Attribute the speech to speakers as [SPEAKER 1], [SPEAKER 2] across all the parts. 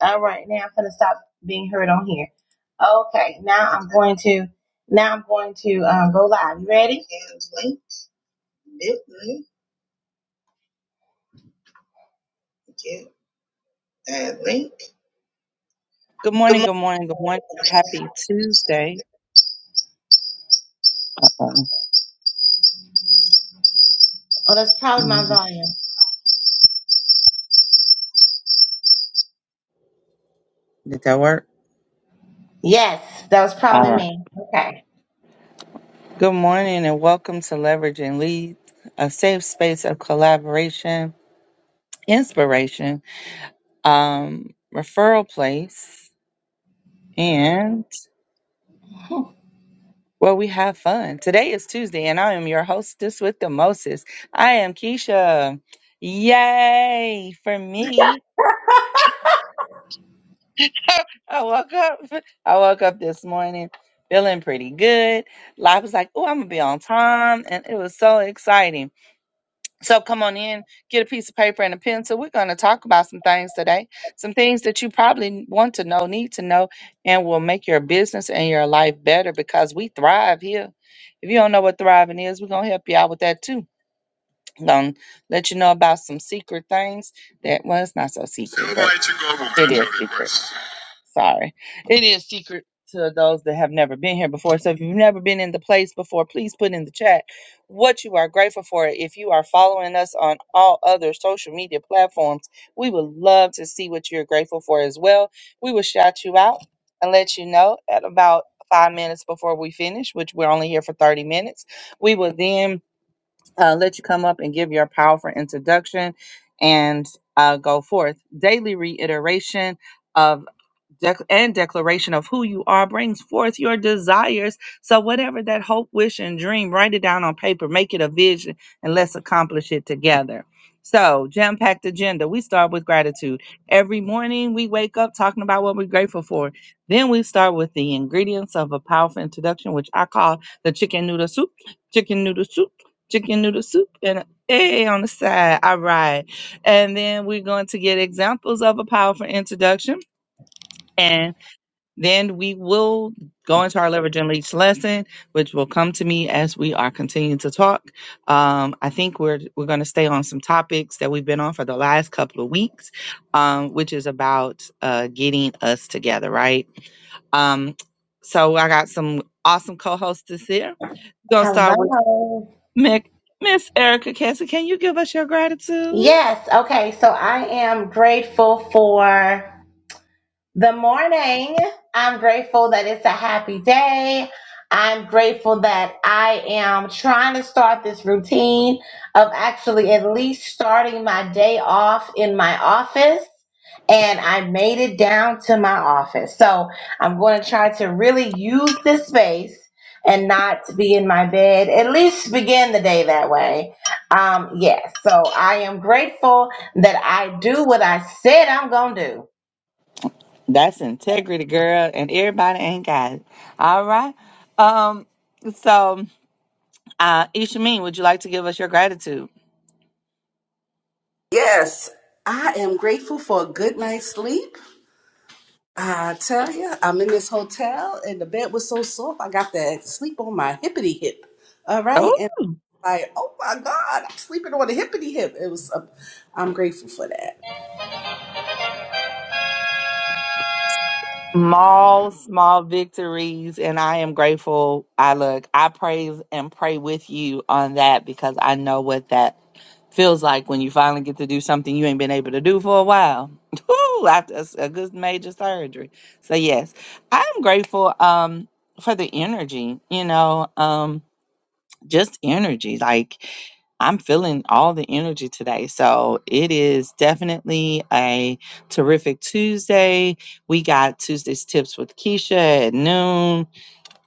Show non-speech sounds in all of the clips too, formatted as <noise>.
[SPEAKER 1] All right, now I'm gonna stop being heard on here. Okay, now I'm going to now I'm going to um, go live. You ready?
[SPEAKER 2] Good
[SPEAKER 1] Come
[SPEAKER 2] morning,
[SPEAKER 1] on.
[SPEAKER 2] good morning, good morning. Happy Tuesday. Uh-oh.
[SPEAKER 1] Oh, that's probably my
[SPEAKER 2] Mm,
[SPEAKER 1] volume.
[SPEAKER 2] Did that work?
[SPEAKER 1] Yes, that was
[SPEAKER 2] All
[SPEAKER 1] probably
[SPEAKER 2] right.
[SPEAKER 1] me. Okay.
[SPEAKER 2] Good morning and welcome to Leverage and Lead, a safe space of collaboration, inspiration, um, referral place, and where we have fun. Today is Tuesday and I am your hostess with the Moses. I am Keisha. Yay for me. I woke up. <laughs> I woke up this morning feeling pretty good. Life was like, oh, I'm gonna be on time, and it was so exciting. So come on in, get a piece of paper and a pencil. We're gonna talk about some things today, some things that you probably want to know, need to know, and will make your business and your life better because we thrive here. If you don't know what thriving is, we're gonna help you out with that too. gonna let you know about some secret things that was not so secret. but it is secret. Sorry. It is secret to those that have never been here before. So if you've never been in the place before, please put in the chat what you are grateful for. If you are following us on all other social media platforms, we would love to see what you're grateful for as well. We will shout you out and let you know at about five minutes before we finish, which we're only here for 30 minutes. We will then uh, let you come up and give your powerful introduction and uh, go forth. Daily reiteration. of dec- and declaration of who you are brings forth your desires. So, whatever that hope, wish, and dream, write it down on paper, make it a vision, and let's accomplish it together. So, jam packed agenda. We start with gratitude. Every morning we wake up talking about what we're grateful for. Then we start with the ingredients of a powerful introduction, which I call the chicken noodle soup, chicken noodle soup, chicken noodle soup, and a egg on the side. All right. And then we're going to get examples of a powerful introduction. and. Then we will go into our leverage and leads lesson, which will come to me as we are continuing to talk. Um, I think we're we're going to stay on some topics that we've been on for the last couple of weeks, um, which is about uh, getting us together, right? Um, so I got some awesome co-hosts this year. We're gonna start with
[SPEAKER 1] Hello.
[SPEAKER 2] Mick, Miss Erica Cassie. Can you give us your gratitude?
[SPEAKER 1] Yes. Okay. So I am grateful for. The morning, I'm grateful that it's a happy day. I'm grateful that I am trying to start this routine of actually at least starting my day off in my office. And I made it down to my office. So I'm going to try to really use this space and not be in my bed, at least begin the day that way. Um, yes. so I am grateful that I do what I said I'm going to do.
[SPEAKER 2] That's integrity, girl, and everybody ain't got it. All right. Um. So, uh, Ishameen, would you like to give us your gratitude?
[SPEAKER 3] Yes, I am grateful for a good night's sleep. I tell you, I'm in this hotel and the bed was so soft, I got to sleep on my hippity hip. All right,
[SPEAKER 2] Oh,
[SPEAKER 3] and like, oh my God, I'm sleeping on a hippity hip. It was, um, I'm grateful for that.
[SPEAKER 2] small, small victories, and I am grateful. I look, I praise and pray with you on that because I know what that feels like when you finally get to do something you ain't been able to do for a while. <laughs> Woo, after a s- a good major surgery. So yes, I am grateful. Um, for the energy, you know. Um just energy. Like I'm feeling all the energy today. So it is definitely a terrific Tuesday. We got Tuesday's tips with Keisha at noon.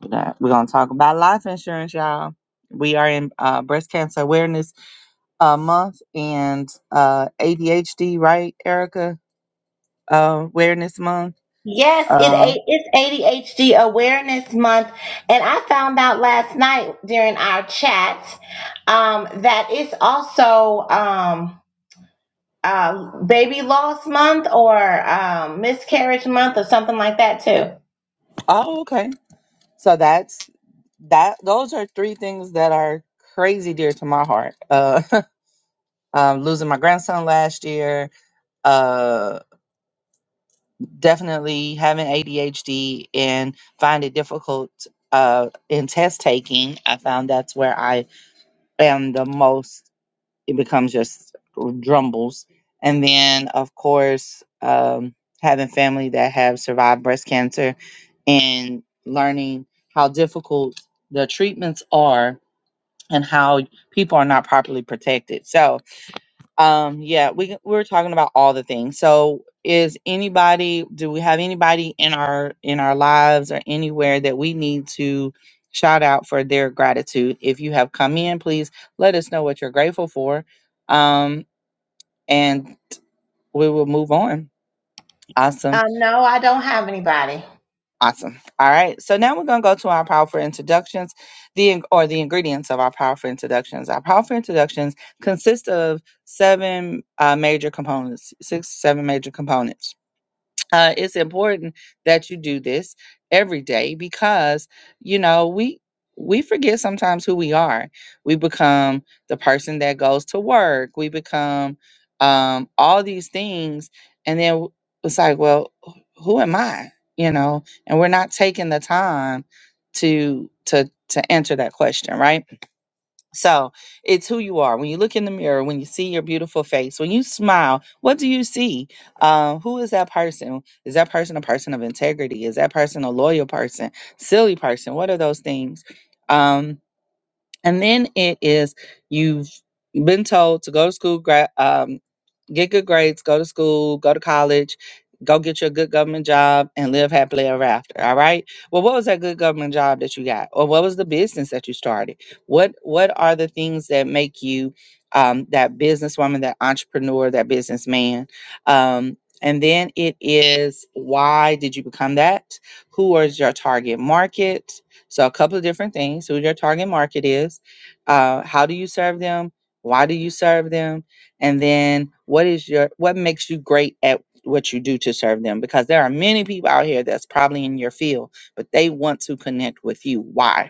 [SPEAKER 2] We're gonna we're gonna talk about life insurance, y'all. We are in uh, breast cancer awareness uh, month and uh, ADHD, right, Erica? Uh, awareness month.
[SPEAKER 1] Yes, it
[SPEAKER 2] Uh,
[SPEAKER 1] a- it's ADHD Awareness Month, and I found out last night during our chat um, that it's also um, uh, Baby Loss Month or um, Miscarriage Month or something like that too.
[SPEAKER 2] oh, okay. So that's that. Those are three things that are crazy dear to my heart. Uh, <laughs> um, losing my grandson last year, uh, definitely having ADHD and find it difficult uh, in test taking. I found that's where I am the most. It becomes just drumbles, and then of course um, having family that have survived breast cancer and learning how difficult the treatments are and how people are not properly protected. So Um, yeah, we we we're talking about all the things. So, is anybody? Do we have anybody in our in our lives or anywhere that we need to shout out for their gratitude? If you have come in, please let us know what you're grateful for, um, and we will move on. Awesome,
[SPEAKER 1] Um, no, I don't have anybody.
[SPEAKER 2] awesome. All right. So now we're gonna go to our powerful introductions, the in- or the ingredients of our powerful introductions. Our powerful introductions consist of seven uh, major components, six seven major components uh, it's important that you do this every day because you know we we forget sometimes who we are we become the person that goes to work we become um, all these things and then w- it's like well wh- who am i you know and we're not taking the time to to to answer that question right so it's who you are. When you look in the mirror, when you see your beautiful face, when you smile, what do you see? Uh, who is that person? Is that person a person of integrity? Is that person a loyal person? Silly person? What are those things? Um, and then it is you've been told to go to school, gra- um, get good grades, go to school, go to college, go get you a good government job, and live happily ever after. All right. Well, what was that good government job that you got, or what was the business that you started? What What are the things that make you um, that businesswoman, that entrepreneur, that businessman? Um, and then it is why did you become that? Who is your target market? So, a couple of different things who your target market is, uh, how do you serve them, why do you serve them, and then what is your what makes you great at what you do to serve them because there are many people out here that's probably in your field but they want to connect with you why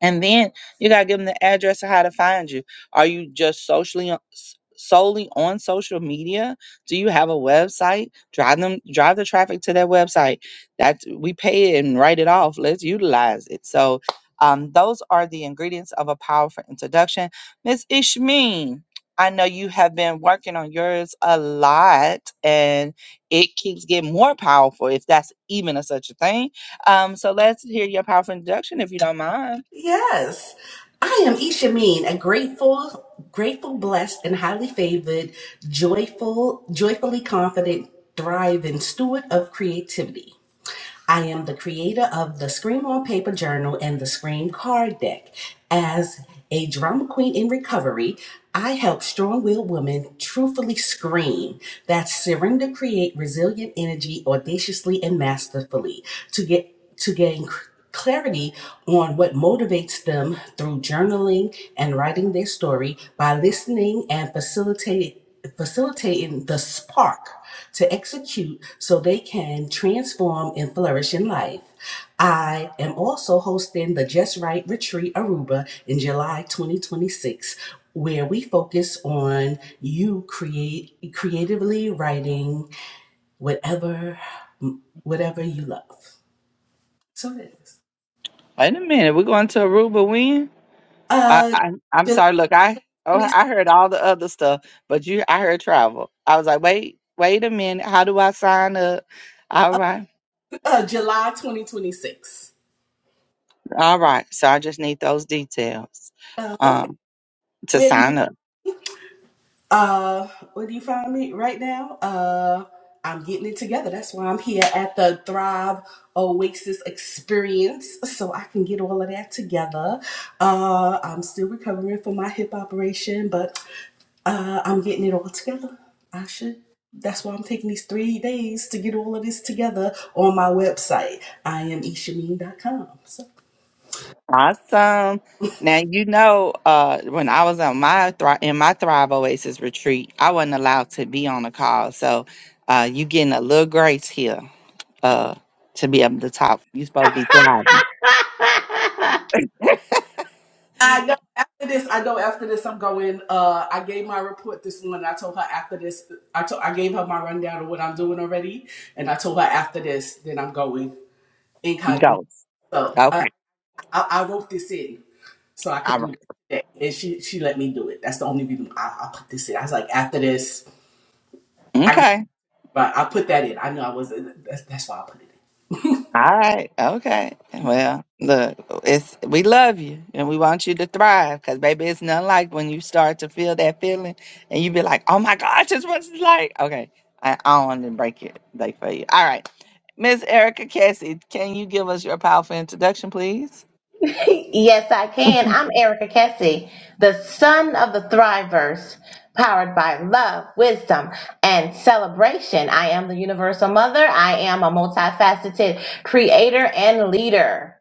[SPEAKER 2] and then you gotta give them the address of how to find you. Are you just socially on- s- solely on social media? Do you have a website? Drive them, drive the traffic to their website. That's we pay it and write it off. Let's utilize it. So um, those are the ingredients of a powerful introduction. Miss Ishmeen, I know you have been working on yours a lot and it keeps getting more powerful if that's even a such a thing. Um, so let's hear your powerful introduction if you don't mind.
[SPEAKER 3] Yes, I am Isha Mean, a grateful, grateful, blessed, and highly favored, joyful, joyfully confident, thriving steward of creativity. I am the creator of the Scream on Paper Journal and the Scream Card Deck. As a drama queen in recovery, I help strong willed women truthfully scream. That's surrender, create resilient energy audaciously and masterfully to get to gain clarity on what motivates them through journaling and writing their story by listening and facilitating facilitating the spark to execute so they can transform and flourish in life. I am also hosting the Just Right Retreat Aruba in July 2026 where we focus on you create creatively writing whatever whatever you love. So it is.
[SPEAKER 2] Wait a minute, we're going to Aruba when? I,
[SPEAKER 3] Uh
[SPEAKER 2] I I'm
[SPEAKER 3] July
[SPEAKER 2] sorry. Look, I oh
[SPEAKER 3] 20,
[SPEAKER 2] I heard all the other stuff, but you I heard travel. I was like, wait, wait a minute. How do I sign up? All
[SPEAKER 3] uh,
[SPEAKER 2] right,
[SPEAKER 3] uh, July 2026.
[SPEAKER 2] all right. So I just need those details
[SPEAKER 3] Oh, okay.
[SPEAKER 2] um to
[SPEAKER 3] Where do you
[SPEAKER 2] sign up.
[SPEAKER 3] Uh, where do you find me right now? Uh, I'm getting it together. That's why I'm here at the Thrive Oasis Experience, so I can get all of that together. Uh, I'm still recovering from my hip operation, but uh, I'm getting it all together. I should. That's why I'm taking these three days to get all of this together on my website. I am ishameen.com.
[SPEAKER 2] Awesome. Now you know uh when I was on my Thri- in my Thrive Oasis retreat, I wasn't allowed to be on a call. So uh you getting a little grace here uh to be able to talk. You're supposed to be thriving.
[SPEAKER 1] <laughs>
[SPEAKER 3] I know after this, I know after this, I'm going. Uh, I gave my report this morning. I told her after this, I told, I gave her my rundown of what I'm doing already, and I told her after this, then I'm going incognito.
[SPEAKER 2] Go.
[SPEAKER 3] So
[SPEAKER 2] Okay.
[SPEAKER 3] I, I, I wrote this in so I could
[SPEAKER 2] All
[SPEAKER 3] do
[SPEAKER 2] right.
[SPEAKER 3] this today, and she she let me do it. That's the only reason I, I put this in. I was like, after this, I gave,
[SPEAKER 2] Okay.
[SPEAKER 3] but I put that in. I knew I wasn't. That's, that's why I put it in.
[SPEAKER 2] All right. Okay. Well, look, it's we love you and we want you to thrive because baby, it's nothing like when you start to feel that feeling and you be like, oh my gosh, this what it's like. Okay. I, I don't want to break it like for you. All right. Miss Erica Cassie, can you give us your powerful introduction, please?
[SPEAKER 1] <laughs> yes, I can. I'm Erica Kessie, the son of the Thrivers, powered by love, wisdom, and celebration. I am the universal mother. I am a multifaceted creator and leader.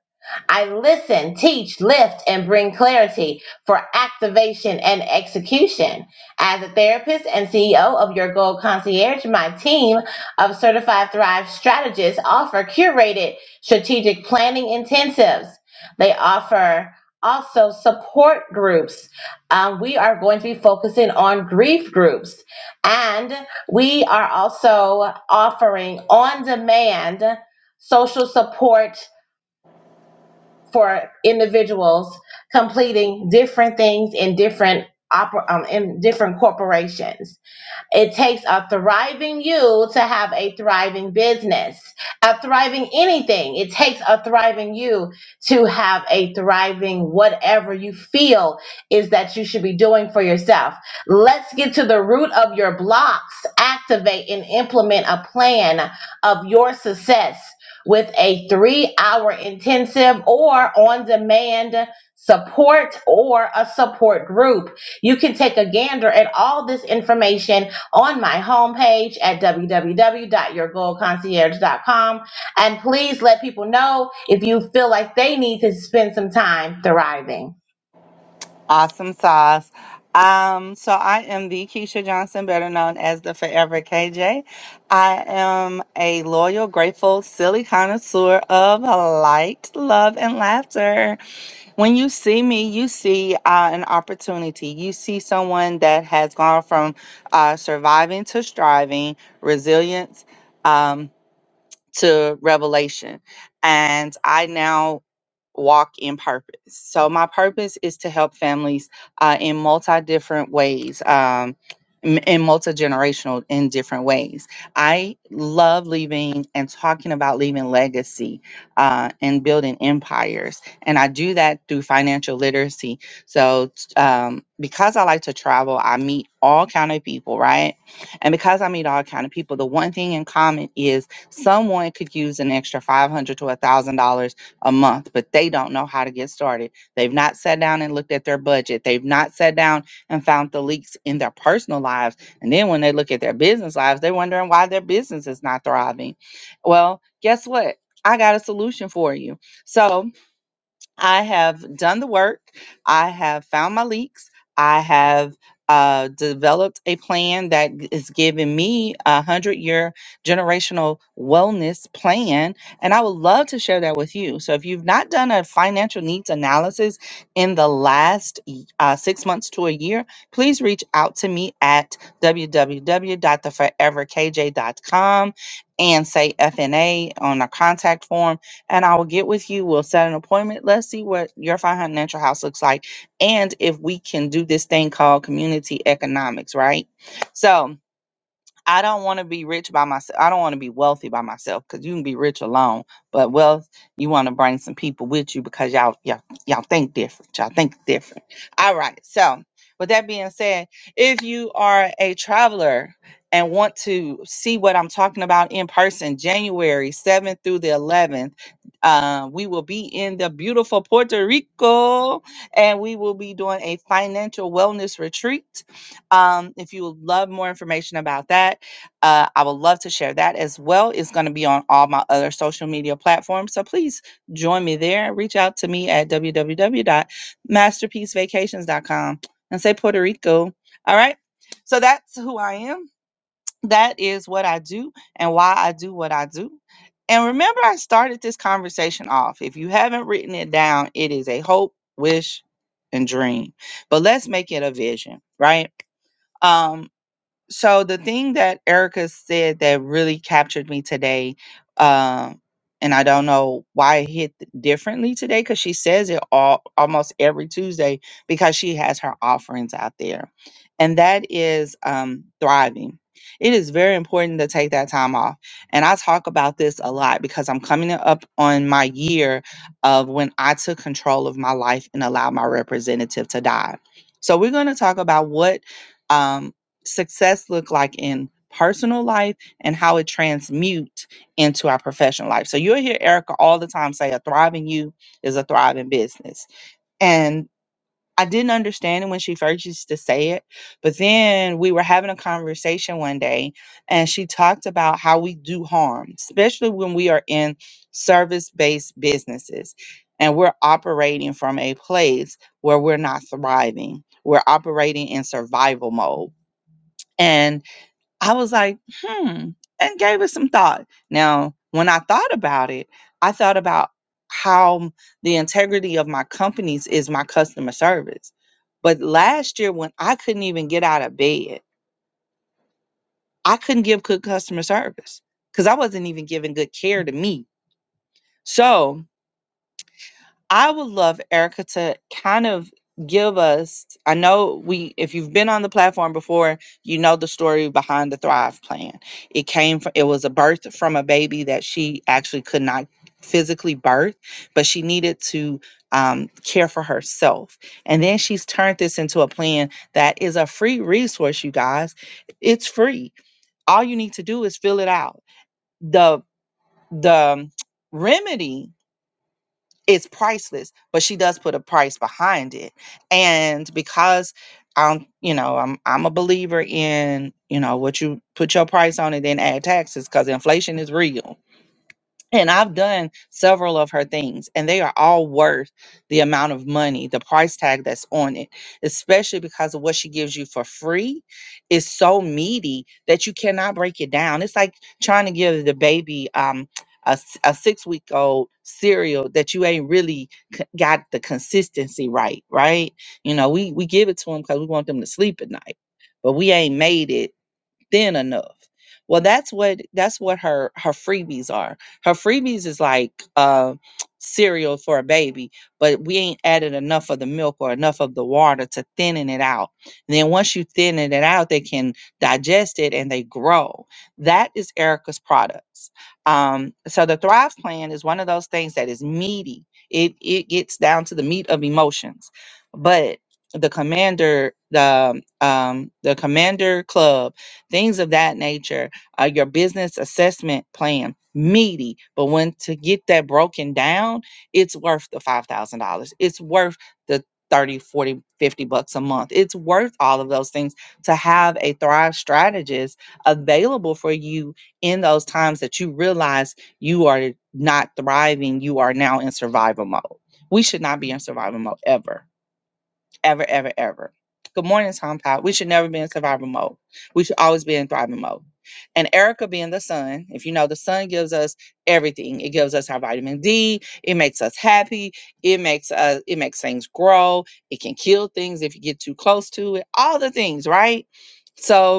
[SPEAKER 1] I listen, teach, lift, and bring clarity for activation and execution. As a therapist and CEO of Your Gold Concierge, my team of certified Thrive strategists offer curated strategic planning intensives they offer also support groups. Um, we are going to be focusing on grief groups. And we are also offering on demand social support for individuals completing different things in different. oper- Um, in different corporations. It takes a thriving you to have a thriving business, a thriving anything. It takes a thriving you to have a thriving whatever you feel is that you should be doing for yourself. Let's get to the root of your blocks, activate and implement a plan of your success with a three hour intensive or on demand support or a support group. You can take a gander at all this information on my homepage at www.yourgoalconcierge.com. And please let people know if you feel like they need to spend some time thriving.
[SPEAKER 2] Awesome sauce. Um, so I am the Keisha Johnson, better known as the Forever KJ. I am a loyal, grateful, silly connoisseur of light, love, and laughter. When you see me, you see uh, an opportunity. You see someone that has gone from uh, surviving to striving, resilience um, to revelation. And I now walk in purpose. So my purpose is to help families uh, in multi different ways. Um, m- in multi-generational in different ways i love leaving and talking about leaving legacy uh, and building empires and i do that through financial literacy so t- um, because i like to travel i meet all kind of people right and because i meet all kind of people the one thing in common is someone could use an extra 500 to a $1000 a month, but they don't know how to get started. They've not sat down and looked at their budget. They've not sat down and found the leaks in their personal lives. And then when they look at their business lives, they're wondering why their business is not thriving. Well, guess what? I got a solution for you. So, I have done the work. I have found my leaks. I have uh, developed a plan that g- is giving me a hundred year generational wellness plan. And I would love to share that with you. So if you've not done a financial needs analysis in the last y- uh, six months to a year, please reach out to me at www.theforeverkj.com and say FNA on our contact form and I will get with you. We'll set an appointment. Let's see what your financial house looks like and if we can do this thing called community economics, right? So, I don't want to be rich by myself. I don't want to be wealthy by myself because you can be rich alone. But wealth, you want to bring some people with you because y'all, y'all, y'all think different. Y'all think different. All right. So, with that being said, if you are a traveler and want to see what I'm talking about in person, January 7th through the 11th, uh, we will be in the beautiful Puerto Rico and we will be doing a financial wellness retreat. Um, if you would love more information about that, uh, I would love to share that as well. It's going to be on all my other social media platforms. So please join me there. Reach out to me at www.masterpiecevacations.com and say Puerto Rico. All right. So that's who I am. That is what I do and why I do what I do. And remember, I started this conversation off. If you haven't written it down, it is a hope, wish, and dream. But let's make it a vision, right? Um, so the thing that Erica said that really captured me today, um, and I don't know why it hit differently today because she says it all almost every Tuesday because she has her offerings out there, and that is um, thriving. It is very important to take that time off, and I talk about this a lot because I'm coming up on my year of when I took control of my life and allowed my representative to die. So we're going to talk about what. Um, success look like in personal life and how it transmute into our professional life. So you'll hear Erica all the time say a thriving you is a thriving business. And I didn't understand it when she first used to say it, but then we were having a conversation one day and she talked about how we do harm, especially when we are in service-based businesses and we're operating from a place where we're not thriving. We're operating in survival mode. And I was like, hmm, and gave it some thought. Now, when I thought about it, I thought about how the integrity of my companies is my customer service. But last year, when I couldn't even get out of bed, I couldn't give good customer service because I wasn't even giving good care to me. So, I would love Erica to kind of give us. I know we, if you've been on the platform before, you know the story behind the Thrive Plan. It came from, it was a birth from a baby that she actually could not physically birth, but she needed to um, care for herself. And then she's turned this into a plan that is a free resource, you guys. It's free all you need to do is fill it out the the um, remedy it's priceless but she does put a price behind it and because i'm you know i'm i'm a believer in you know what you put your price on and then add taxes because inflation is real and I've done several of her things, and they are all worth the amount of money, the price tag that's on it, especially because of what she gives you for free is so meaty that you cannot break it down. It's like trying to give the baby um, a, six week old cereal that you ain't really c- got the consistency right, right? You know, we, we give it to them because we want them to sleep at night, but we ain't made it thin enough. Well, that's what that's what her her freebies are. Her freebies is like uh, cereal for a baby, but we ain't added enough of the milk or enough of the water to thinning it out. And then once you thinning it out, they can digest it and they grow. That is Erica's products. Um, so the Thrive Plan is one of those things that is meaty. It it gets down to the meat of emotions, but the commander the um the commander club things of that nature, uh, your business assessment plan, meaty. But when to get that broken down, it's worth the $5,000. It's worth the 30, 40, 50 bucks a month. It's worth all of those things to have a Thrive strategist available for you in those times that you realize you are not thriving. You are now in survival mode. We should not be in survival mode ever ever, ever, ever. Good morning, Tom Powell. We should never be in survival mode. We should always be in thriving mode. And Erica being the sun, if you know, the sun gives us everything. It gives us our vitamin D. It makes us happy. It makes us. It makes things grow. It can kill things if you get too close to it. All the things, right? So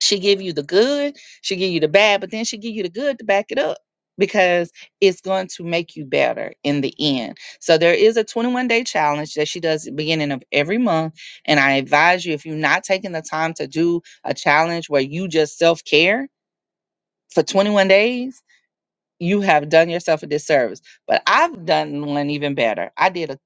[SPEAKER 2] she give you the good she give you the bad but then she give you the good to back it up because it's going to make you better in the end so there is a 21 day challenge that she does at the beginning of every month and i advise you if you're not taking the time to do a challenge where you just self-care for 21 days you have done yourself a disservice but i've done one even better i did a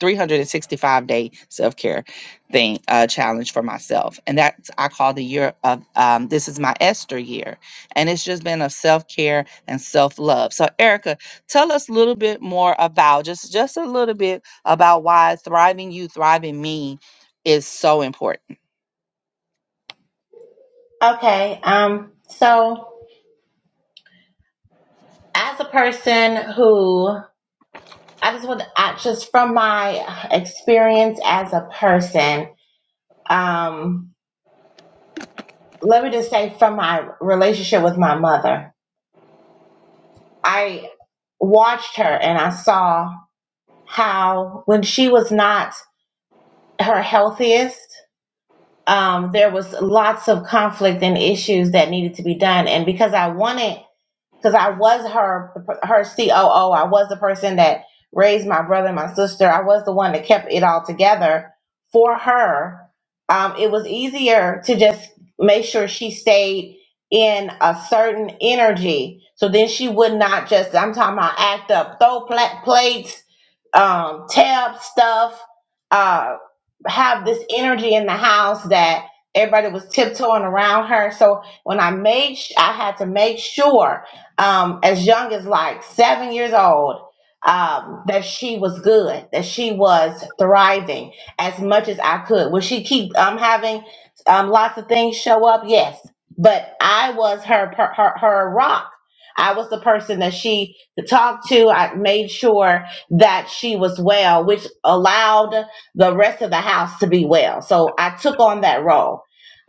[SPEAKER 2] 365 day self care thing uh, challenge for myself, and that's I call the year of um, this is my Esther year, and it's just been of self care and self love. So, Erica, tell us a little bit more about just just a little bit about why thriving you, thriving me is so important.
[SPEAKER 1] Okay. Um, so as a person who I just want to, I, just from my experience as a person, um, let me just say from my relationship with my mother, I watched her and I saw how when she was not her healthiest, um, there was lots of conflict and issues that needed to be done. And because I wanted because I was her her COO. I was the person that raised my brother and my sister. I was the one that kept it all together for her. Um, it was easier to just make sure she stayed in a certain energy, so then she would not just I'm talking about act up, throw pla- plates, um, tear up stuff, uh, have this energy in the house that everybody was tiptoeing around her. So when I made, sh- I had to make sure um, as young as like seven years old um, that she was good, that she was thriving as much as I could. Would she keep um, having um, lots of things show up? Yes, but I was her per- her her rock. I was the person that she could talk to. I made sure that she was well, which allowed the rest of the house to be well. So I took on that role.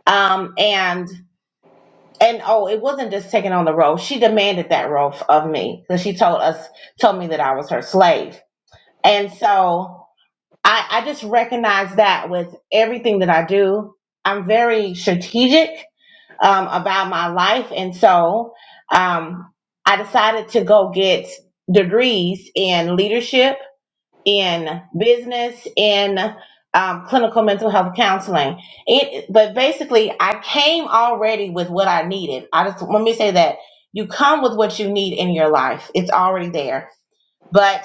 [SPEAKER 1] Um, and. And oh, it wasn't just taking on the role. She demanded that role f- of me because she told us, told me that I was her slave. And so I, I just recognize that with everything that I do, I'm very strategic um, about my life. And so um, I decided to go get degrees in leadership in business, in um, clinical mental health counseling. It, but basically, I came already with what I needed. I just let me say that you come with what you need in your life. It's already there. But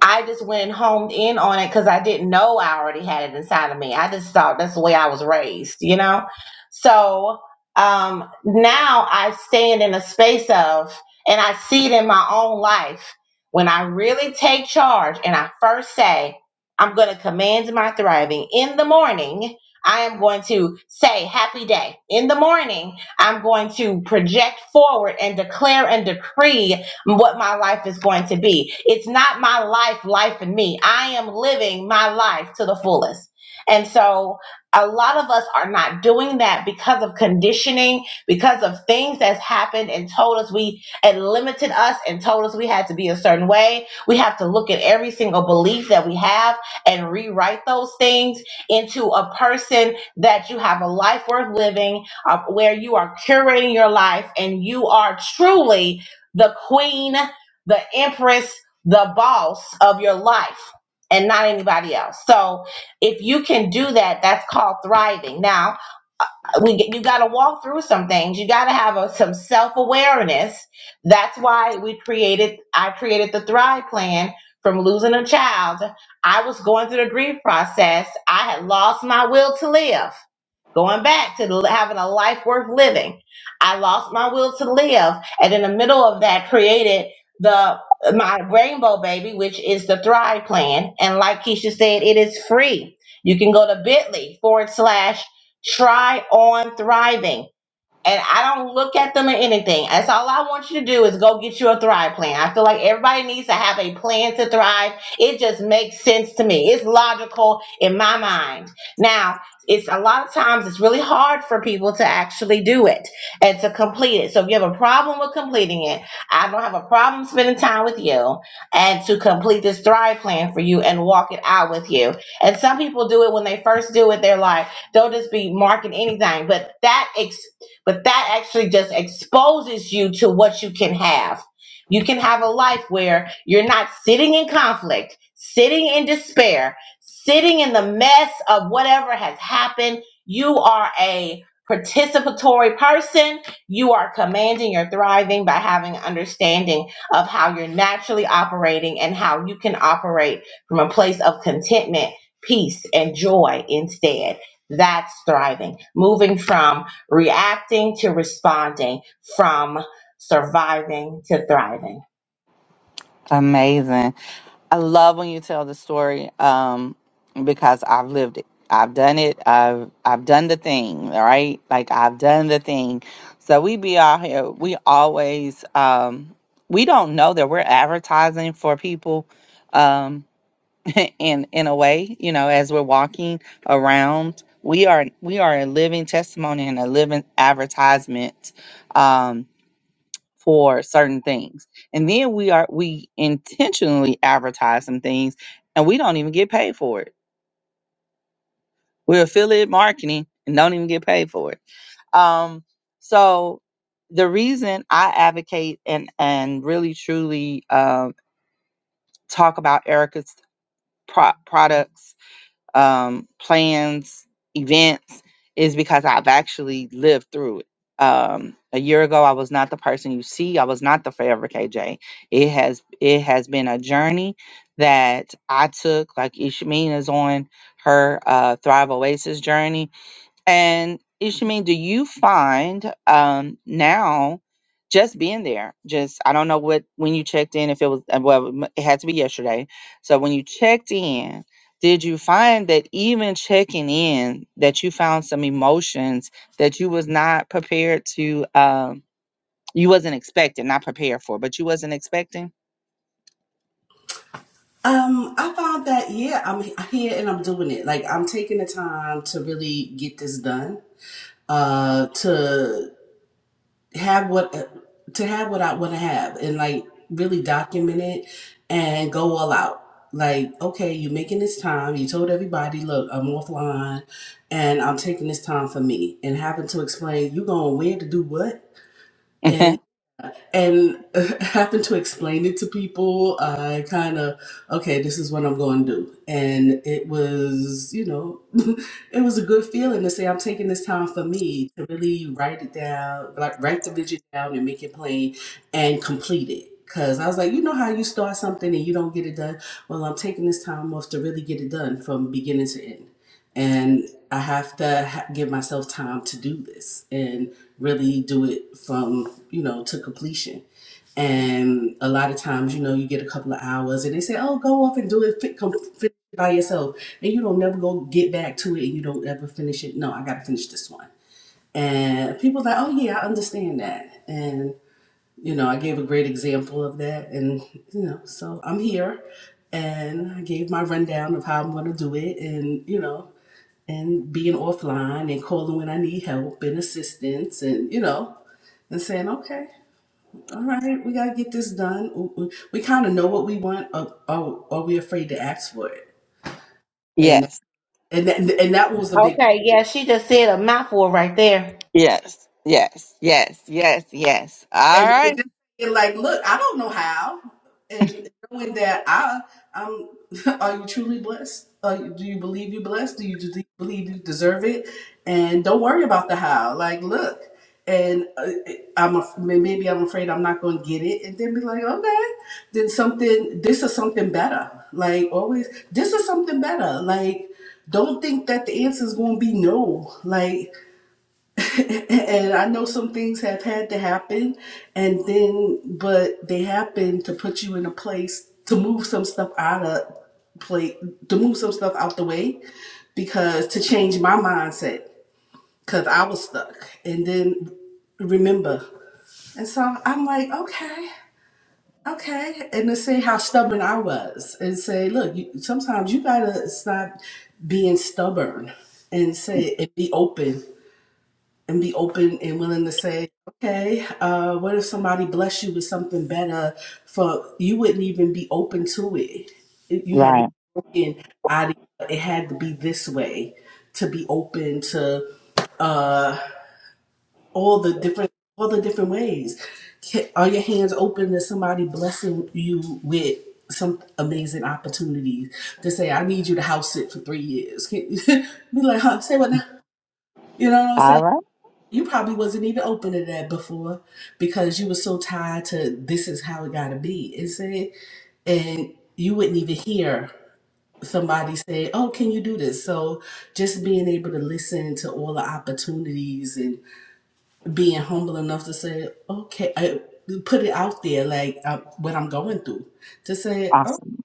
[SPEAKER 1] I just went homed in on it because I didn't know I already had it inside of me. I just thought that's the way I was raised, you know? So um, now I stand in a space of, and I see it in my own life. When I really take charge and I first say, I'm going to command my thriving in the morning, I am going to say, Happy day. In the morning, I'm going to project forward and declare and decree what my life is going to be. It's not my life, life and me. I am living my life to the fullest. And so a lot of us are not doing that because of conditioning, because of things that's happened and told us we and limited us and told us we had to be a certain way. We have to look at every single belief that we have and rewrite those things into a person that you have a life worth living, uh, where you are curating your life and you are truly the queen, the empress, the boss of your life and not anybody else. So if you can do that, that's called thriving. Now, uh, we get, you got to walk through some things. You got to have a, some self awareness. That's why we created. I created the Thrive Plan from losing a child. I was going through the grief process. I had lost my will to live. Going back to l- having a life worth living, I lost my will to live and in the middle of that created the my rainbow baby, which is the Thrive plan. And like Keisha said, it is free. You can go to bit.ly forward slash try on thriving and I don't look at them or anything. That's all I want you to do is go get you a thrive plan. I feel like everybody needs to have a plan to thrive. It just makes sense to me. It's logical in my mind. Now, it's a lot of times it's really hard for people to actually do it and to complete it. So if you have a problem with completing it, I don't have a problem spending time with you and to complete this thrive plan for you and walk it out with you. And some people do it when they first do it, they're like, they'll just be marking anything. But that ex. But that actually just exposes you to what you can have. You can have a life where you're not sitting in conflict, sitting in despair, sitting in the mess of whatever has happened. You are a participatory person. You are commanding your thriving by having understanding of how you're naturally operating and how you can operate from a place of contentment, peace, and joy instead. That's thriving. Moving from reacting to responding, from surviving to thriving.
[SPEAKER 2] Amazing. I love when you tell the story um, because I've lived it. I've done it. I've I've done the thing, right? Like I've done the thing. So we be out here. We always um, we don't know that we're advertising for people um, <laughs> in in a way, you know, as we're walking around. We are we are a living testimony and a living advertisement Um, for certain things. And then we are we intentionally advertise some things and we don't even get paid for it. We're affiliate marketing and don't even get paid for it. Um so the reason I advocate and and really truly um talk about Erica's pro- products um, plans, events, is because I've actually lived through it. Um, a year ago, I was not the person you see. I was not the forever KJ. It has it has been a journey that I took. Like Ishmeen is on her uh, Thrive Oasis journey, and Ishmael, do you find um, now just being there? Just I don't know what when you checked in, if it was uh, well, m- it had to be yesterday. So when you checked in, did you find that even checking in, that you found some emotions that you was not prepared to, um, you wasn't expecting, not prepared for, but you wasn't expecting? <laughs>
[SPEAKER 3] Um, I found that yeah, I'm here and I'm doing it. Like I'm taking the time to really get this done uh to have what to have what I want to have and like really document it and go all out. Like, okay, you're making this time. You told everybody, look, I'm offline and I'm taking this time for me and having to explain you going where to do what and
[SPEAKER 2] Mhm.
[SPEAKER 3] and <laughs> having to explain it to people, I kind of, okay, this is what I'm going to do. And it was, you know, <laughs> it was a good feeling to say, I'm taking this time for me to really write it down, like write the vision down and make it plain and complete it. Cause I was like, you know how you start something and you don't get it done. Well, I'm taking this time off to really get it done from beginning to end. and. I have to ha- give myself time to do this and really do it from, you know, to completion. And a lot of times, you know, you get a couple of hours and they say, oh, go off and do it, fit, come finish it by yourself. And you don't never go get back to it and you don't ever finish it. No, I got to finish this one. And people like, oh, yeah, I understand that. And, you know, I gave a great example of that. And, you know, so I'm here and I gave my rundown of how I'm going to do it. And, you know, and being offline and calling when I need help and assistance and you know and saying okay all right we got to get this done we, we, we kind of know what we want or, or, or we afraid to ask for it and
[SPEAKER 2] yes,
[SPEAKER 3] and that, and that was a big
[SPEAKER 1] Okay, yeah, she just said a mouthful right there.
[SPEAKER 2] yes, yes, yes, yes, yes. All
[SPEAKER 3] and, and
[SPEAKER 2] right,
[SPEAKER 3] just be like, look, I don't know how, and knowing that I, I'm, <laughs> are you truly blessed? Are you, do you believe you're blessed? Do you de- believe you deserve it? And don't worry about the how. Like, look, and uh, I'm af- maybe I'm afraid I'm not going to get it, and then be like, okay, then something. This is something better. Like always, this is something better. Like, don't think that the answer is going to be no. Like and I know some things have had to happen, and then, but they happen to put you in a place to move some stuff out of play, to move some stuff out the way, because to change my mindset, because I was stuck, and then remember, and so I'm like, okay, okay, and to say how stubborn I was, and say, look, you, sometimes you gotta stop being stubborn and say and be open and be open and willing to say, okay, uh, what if somebody bless you with something better? For you wouldn't even be open to it. It- You had to
[SPEAKER 2] right.
[SPEAKER 3] be open. I, it had to be this way to be open to uh, all the different all the different ways. Ca- Are your hands open to somebody blessing you with? Some amazing opportunities to say, I need you to house sit for three years. Can- <laughs> Be like, huh? Say what now? You know what I'm saying?
[SPEAKER 2] All right,
[SPEAKER 3] You probably wasn't even open to that before because you were so tied to this is how it gotta be. Is it? And you wouldn't even hear somebody say, Oh, can you do this? So just being able to listen to all the opportunities and being humble enough to say, Okay, I, put it out there like uh, what I'm going through. To say,
[SPEAKER 2] awesome.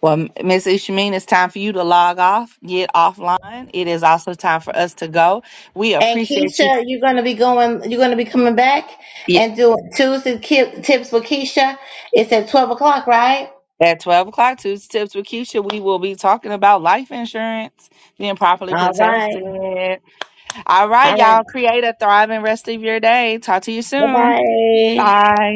[SPEAKER 2] Well, Miss Ishmeen, it's time for you to log off, get offline. It is also time for us to go. We
[SPEAKER 1] And
[SPEAKER 2] appreciate you.
[SPEAKER 1] Keisha, you're gonna be going. You're gonna be coming back
[SPEAKER 2] Yeah.
[SPEAKER 1] and doing Tuesday ki- tips for Keisha. It's at twelve o'clock, right?
[SPEAKER 2] At 12 o'clock, Tuesday Tips with Keisha, we will be talking about life insurance being properly
[SPEAKER 1] All right.
[SPEAKER 2] protected. All right,
[SPEAKER 1] All right.
[SPEAKER 2] y'all, create a thriving rest of your day. Talk to you
[SPEAKER 1] Bye
[SPEAKER 2] soon.
[SPEAKER 1] bye.
[SPEAKER 2] Bye.